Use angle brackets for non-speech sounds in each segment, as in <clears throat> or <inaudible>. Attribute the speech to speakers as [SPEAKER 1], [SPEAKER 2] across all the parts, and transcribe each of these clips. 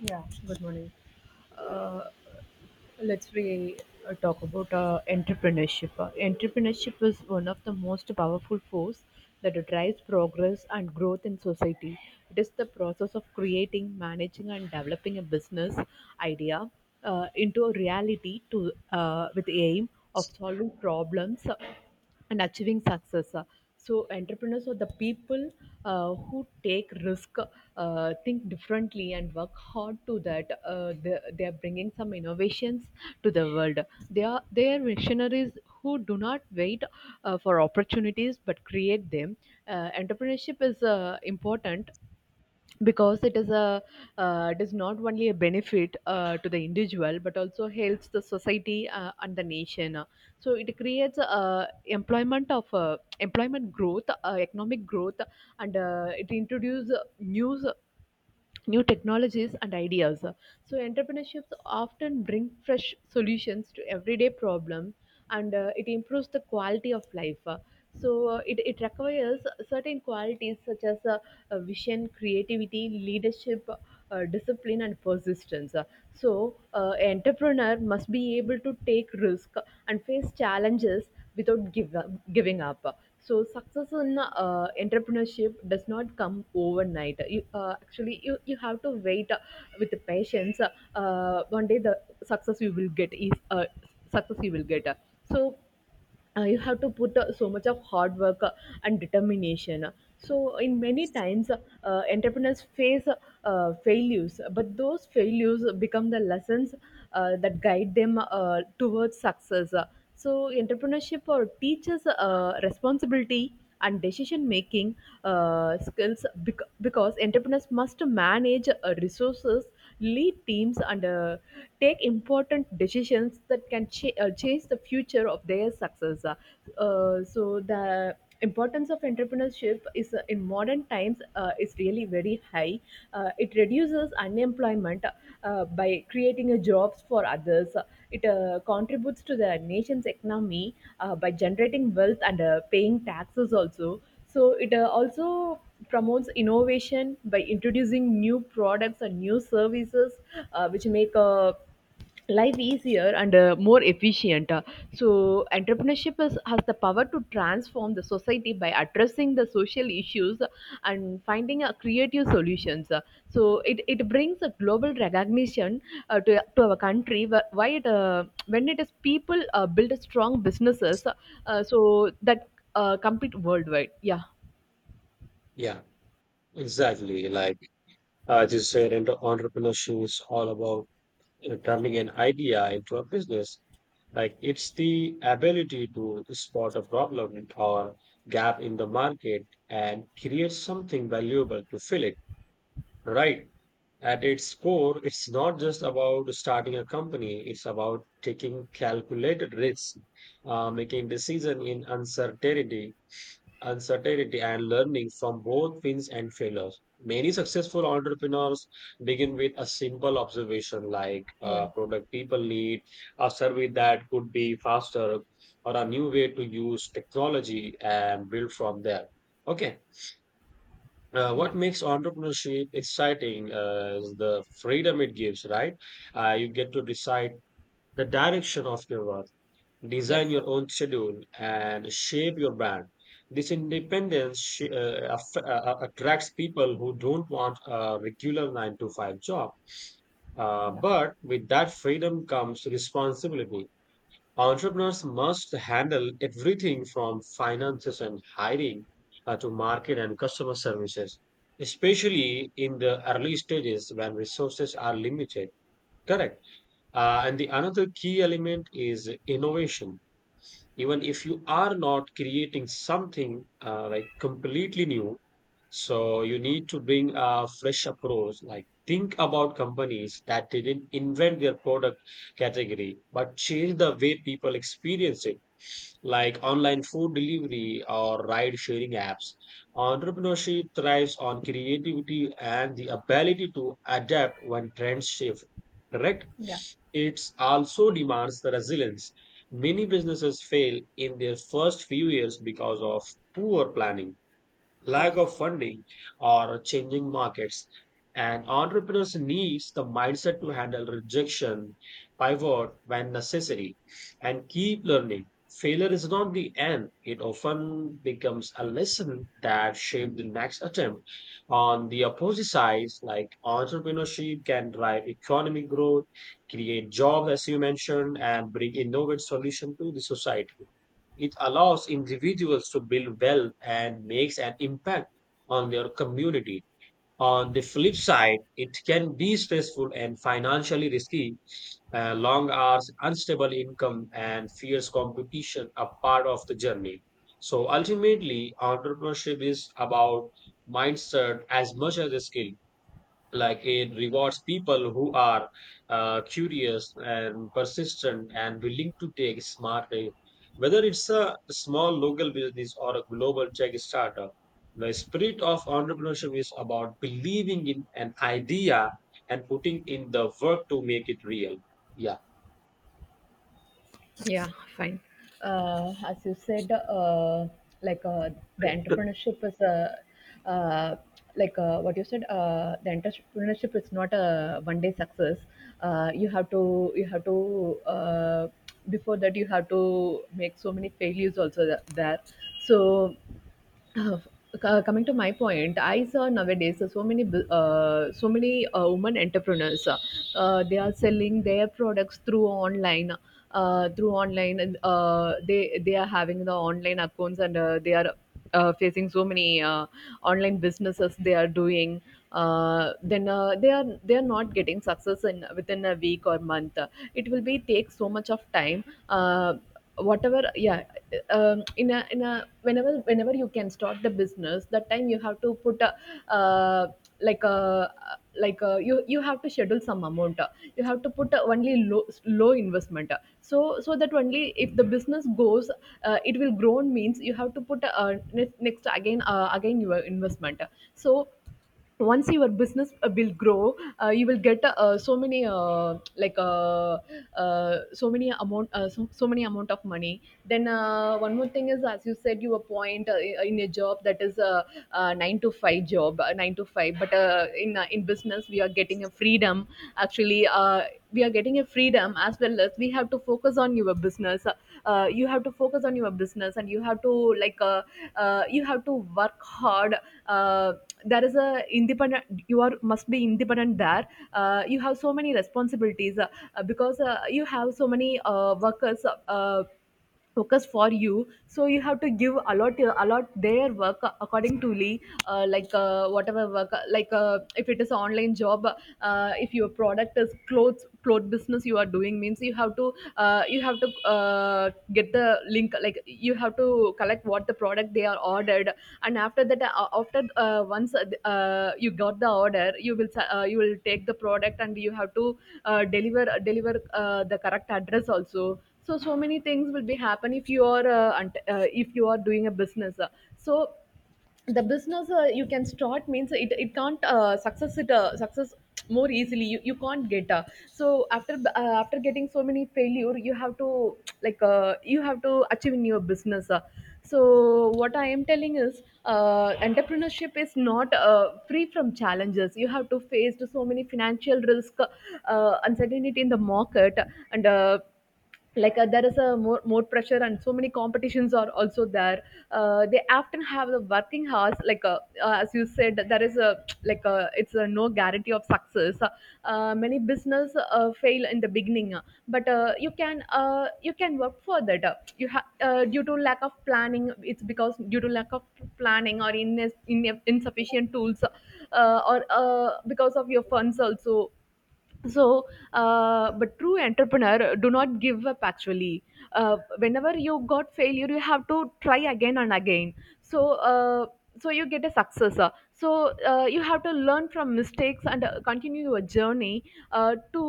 [SPEAKER 1] Yeah, good morning. Uh, let's we Talk about entrepreneurship. Entrepreneurship is one of the most powerful force that drives progress and growth in society. It is the process of creating, managing, and developing a business idea into a reality to with the aim of solving problems and achieving success. So entrepreneurs are the people who take risk, think differently, and work hard to that. They are bringing some innovations to the world. They are missionaries who do not wait for opportunities but create them. Entrepreneurship is important because it is not only a benefit to the individual but also helps the society and the nation, so it creates employment growth, economic growth, and it introduces new new technologies and ideas. So entrepreneurships often bring fresh solutions to everyday problem, and it improves the quality of life. So it requires certain qualities such as vision, creativity, leadership, discipline and persistence. So entrepreneur must be able to take risk and face challenges without giving up. So success in entrepreneurship does not come overnight. You actually, you have to wait with the patience. One day, the success you will get is success you will get. So you have to put so much of hard work and determination, so in many times, entrepreneurs face failures, but those failures become the lessons that guide them towards success. So entrepreneurship teaches responsibility and decision making skills, because entrepreneurs must manage resources, lead teams, and take important decisions that can change the future of their success. So the importance of entrepreneurship is in modern times is really very high. It reduces unemployment by creating a jobs for others. It contributes to the nation's economy by generating wealth and paying taxes also. So it also promotes innovation by introducing new products and new services, which make life easier and more efficient. So has the power to transform the society by addressing the social issues and finding creative solutions. So it brings a global recognition to our country, wh- why it when it is people build strong businesses so that compete worldwide. Yeah.
[SPEAKER 2] Yeah, exactly. As you said, and entrepreneurship is all about turning an idea into a business. Like, it's the ability to spot a problem or gap in the market and create something valuable to fill it, right? At its core, it's not just about starting a company, it's about taking calculated risks, making decisions in uncertainty and learning from both wins and failures. Many successful entrepreneurs begin with a simple observation like
[SPEAKER 1] Yeah,
[SPEAKER 2] a product people need, a survey that could be faster, or a new way to use technology and build from there. Okay. What
[SPEAKER 1] yeah.
[SPEAKER 2] makes entrepreneurship exciting is the freedom it gives, right? You get to decide the direction of your work, design
[SPEAKER 1] Yes, of
[SPEAKER 2] your
[SPEAKER 1] course.
[SPEAKER 2] own schedule, and shape your brand. This independence attracts people who don't want a regular 9 to 5 job.
[SPEAKER 1] Yeah.
[SPEAKER 2] But with that freedom comes responsibility. Entrepreneurs must handle everything from finances and hiring to market and customer services,
[SPEAKER 1] Yes.
[SPEAKER 2] especially in the early stages when resources are limited. Correct. And the another key element is innovation. Even if you are not creating something like completely new, so you need to bring a fresh approach. Like, think about companies that didn't invent their product category but change the way people experience it, like online food delivery or ride sharing apps. Entrepreneurship thrives on creativity and the ability to adapt when trends shift, correct?
[SPEAKER 1] Yeah.
[SPEAKER 2] It also demands the resilience. Many businesses fail in their first few years because of poor planning, lack
[SPEAKER 1] Yes.
[SPEAKER 2] of funding, or changing markets. And entrepreneurs needs the mindset to handle rejection, pivot when necessary, and keep learning. Failure is not the end. It often becomes a lesson that shapes the next attempt. On the opposite side, like, entrepreneurship can drive economic growth, create jobs, as you mentioned, and bring innovative solution to the society. It allows individuals to build wealth and makes an impact on their community. On the flip side, it can be stressful and financially risky. Long hours, unstable income, and fierce competition are part of the journey. So ultimately, entrepreneurship is about mindset as much as a skill. Like, it rewards people who are curious and persistent and willing to take smart risk. Whether it's a small local business or a global tech startup, the spirit of entrepreneurship is about believing in an idea and putting in the work to make it real. Yeah.
[SPEAKER 1] Fine. As you said, like the entrepreneurship is a uh, like what you said. The entrepreneurship is not a one-day success. You have to Before that, you have to make so many failures also there. So, Uh, coming to my point, I saw nowadays so many women entrepreneurs. They are selling their products through online, they are having the online accounts, and they are facing so many online businesses they are doing. Then they are not getting success in within a week or month, it will be take so much of time. Uh, whatever Yeah. In a, whenever, you can start the business, that time you have to put a, uh, like a, you, have to schedule some amount. You have to put a only low investment, so so that only if the business goes, it will grow, means you have to put a, next, again your investment. So once your business will grow, you will get so many like so many amount so, so many amount of money. Then one more thing is, as you said, you appoint, in a job that is a, 9 to 5 job, 9 to 5, but in business we are getting a freedom, actually. We are getting a freedom, as well as we have to focus on your business. You have to focus on your business, and you have to, you have to work hard. uh, there is a independent, you are must be independent there. You have so many responsibilities, because you have so many workers for you, so you have to give a lot, their work accordingly. Whatever work, if it is an online job, if your product is clothes, cloth business you are doing, means you have to, you have to, get the link, like you have to collect what the product they are ordered. And after that, after once, you got the order, you will take the product, and you have to deliver the correct address also. So so many things will be happen if you are if you are doing a business. So the business you can start, means it can't success more easily, you can't get. So after, after getting so many failure, you have to, you have to achieve in your business. So what I am telling is, entrepreneurship is not free from challenges. You have to face so many financial risk, uncertainty in the market, and there is a more pressure, and so many competitions are also there. They often have the working hours, as you said, there is a, it's a no guarantee of success. Many business fail in the beginning, but you can work for that. You have Due to lack of planning, it's because due to lack of planning, or in insufficient tools, or because of your funds also. So but true entrepreneur do not give up, actually. Whenever you got failure, you have to try again and again, so so you get a success. So you have to learn from mistakes, and continue your journey uh, to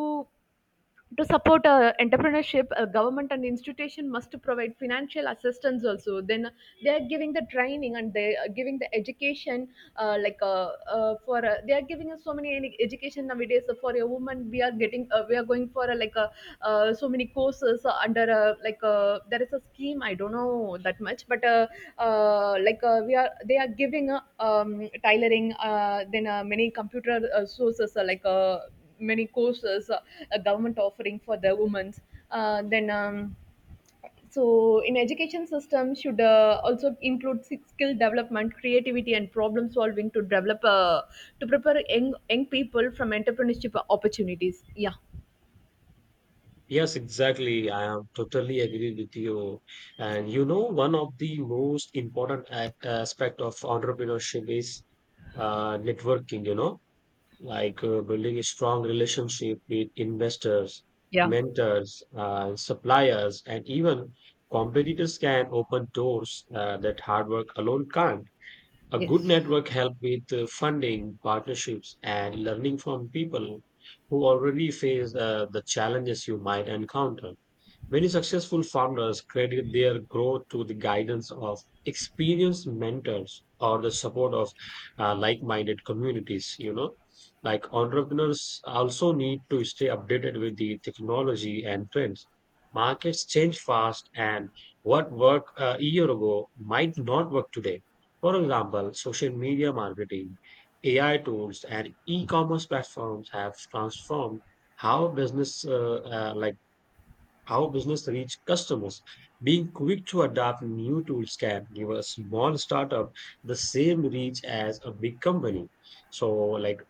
[SPEAKER 1] to support entrepreneurship. Government and institution must provide financial assistance also. Then they are giving the training, and they are giving the education, like for they are giving us so many any education nowadays. So for a woman, we are getting, we are going for, so many courses under like there is a scheme. I don't know that much, but we are, they are giving, tailoring, then many computer sources, many courses a government offering for the women. Then so in education system should also include skill development, creativity, and problem solving, to develop, to prepare young people from entrepreneurship opportunities. Yeah.
[SPEAKER 2] Yes, exactly. I am totally agree with you. And you know, one of the most important aspect of entrepreneurship is networking. You know, like, building a strong relationship with investors,
[SPEAKER 1] Yeah.
[SPEAKER 2] mentors, suppliers, and even competitors can open doors that hard work alone can't. A good
[SPEAKER 1] Yes.
[SPEAKER 2] network helps with funding, partnerships, and learning from people who already face the challenges you might encounter. Many successful founders credit their growth to the guidance of experienced mentors or the support of like-minded communities. You know, like, entrepreneurs also need to stay updated with the technology and trends. Markets change fast, and what worked a year ago might not work today. For example, social media marketing, AI tools, and e-commerce platforms have transformed how business uh, like how business reach customers. Being quick to adapt new tools can give a small startup the same reach as a big company. So like,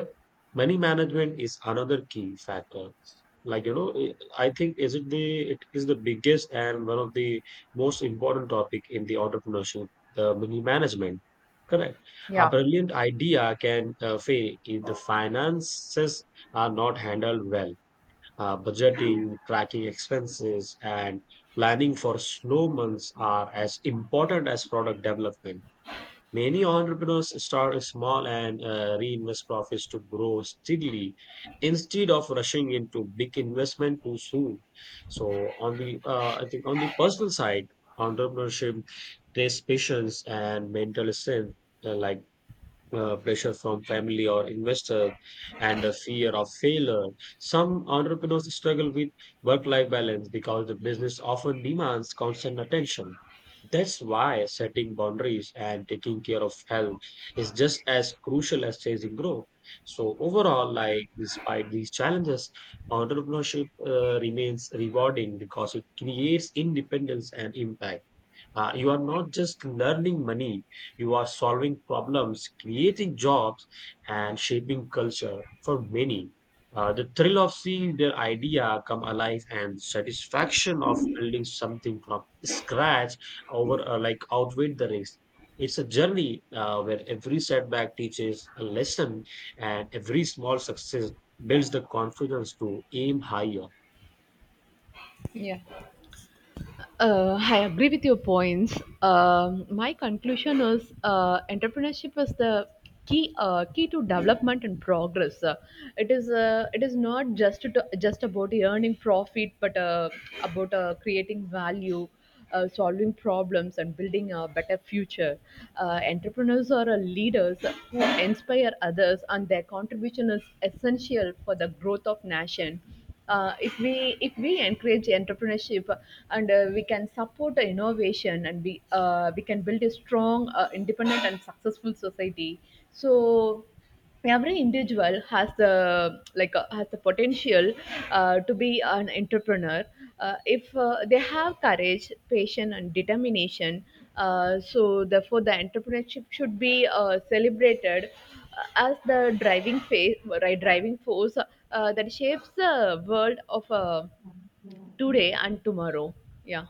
[SPEAKER 2] <clears throat> money management is another key factor. Like you know, I think is it the it is the biggest and one of the most important topic in the entrepreneurship, the money management. Correct. A
[SPEAKER 1] Yeah.
[SPEAKER 2] brilliant idea can fail if the finances are not handled well. Budgeting, tracking expenses, and planning for slow months are as important as product development. Many entrepreneurs start small and reinvest profits to grow steadily instead of rushing into big investment too soon. So, on the I think on the personal side, entrepreneurship takes patience and mental strength, uh, like pressure from family or investors and the fear of failure. Some entrepreneurs struggle with work life balance because the business often demands constant attention. That's why setting boundaries and taking care of health is just as crucial as chasing growth. So, overall, like, despite these challenges, entrepreneurship remains rewarding because it creates independence and impact. You are not just learning money, you are solving problems, creating jobs, and shaping culture for many. The thrill of seeing their idea come alive and satisfaction of building something from scratch over outweigh the risk. It's a journey where every setback teaches a lesson and every small success builds the confidence to aim higher.
[SPEAKER 1] Yeah. I agree with your points. My conclusion is, entrepreneurship is the key, key to development and progress. It is not just to, just about earning profit, but about creating value. Solving problems and building a better future. Entrepreneurs are leaders who inspire others, and their contribution is essential for the growth of nation. If we encourage entrepreneurship, and we can support the innovation, and we can build a strong, independent, and successful society. So every individual has the, has the potential to be an entrepreneur, if they have courage, patience, and determination. So therefore, the entrepreneurship should be celebrated as the right, driving force that shapes the world of today and tomorrow. Yeah,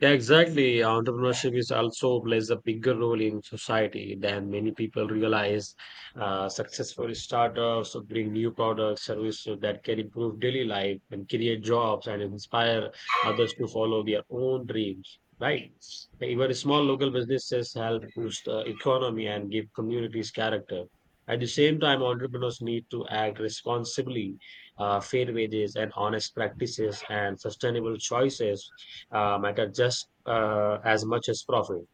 [SPEAKER 2] Yeah, exactly. Entrepreneurship is also plays a bigger role in society than many people realize. Successful startups bring new products, services that can improve daily life and create jobs and inspire others to follow their own dreams. Right? Even small local businesses help boost the economy and give communities character. At the same time, entrepreneurs need to act responsibly. Fair wages and honest practices and sustainable choices matter just as much as profit.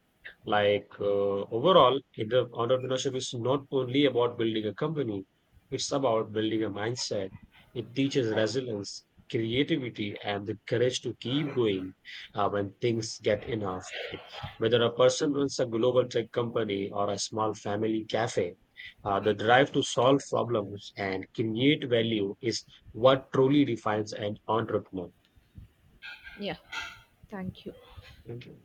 [SPEAKER 2] Like, overall, in the entrepreneurship is not only about building a company; it's about building a mindset. It teaches resilience, creativity, and the courage to keep going when things get enough. Like, whether a person runs a global tech company or a small family cafe. The drive to solve problems and create value is what truly defines an entrepreneur.
[SPEAKER 1] yeah. Thank you.
[SPEAKER 2] Thank you.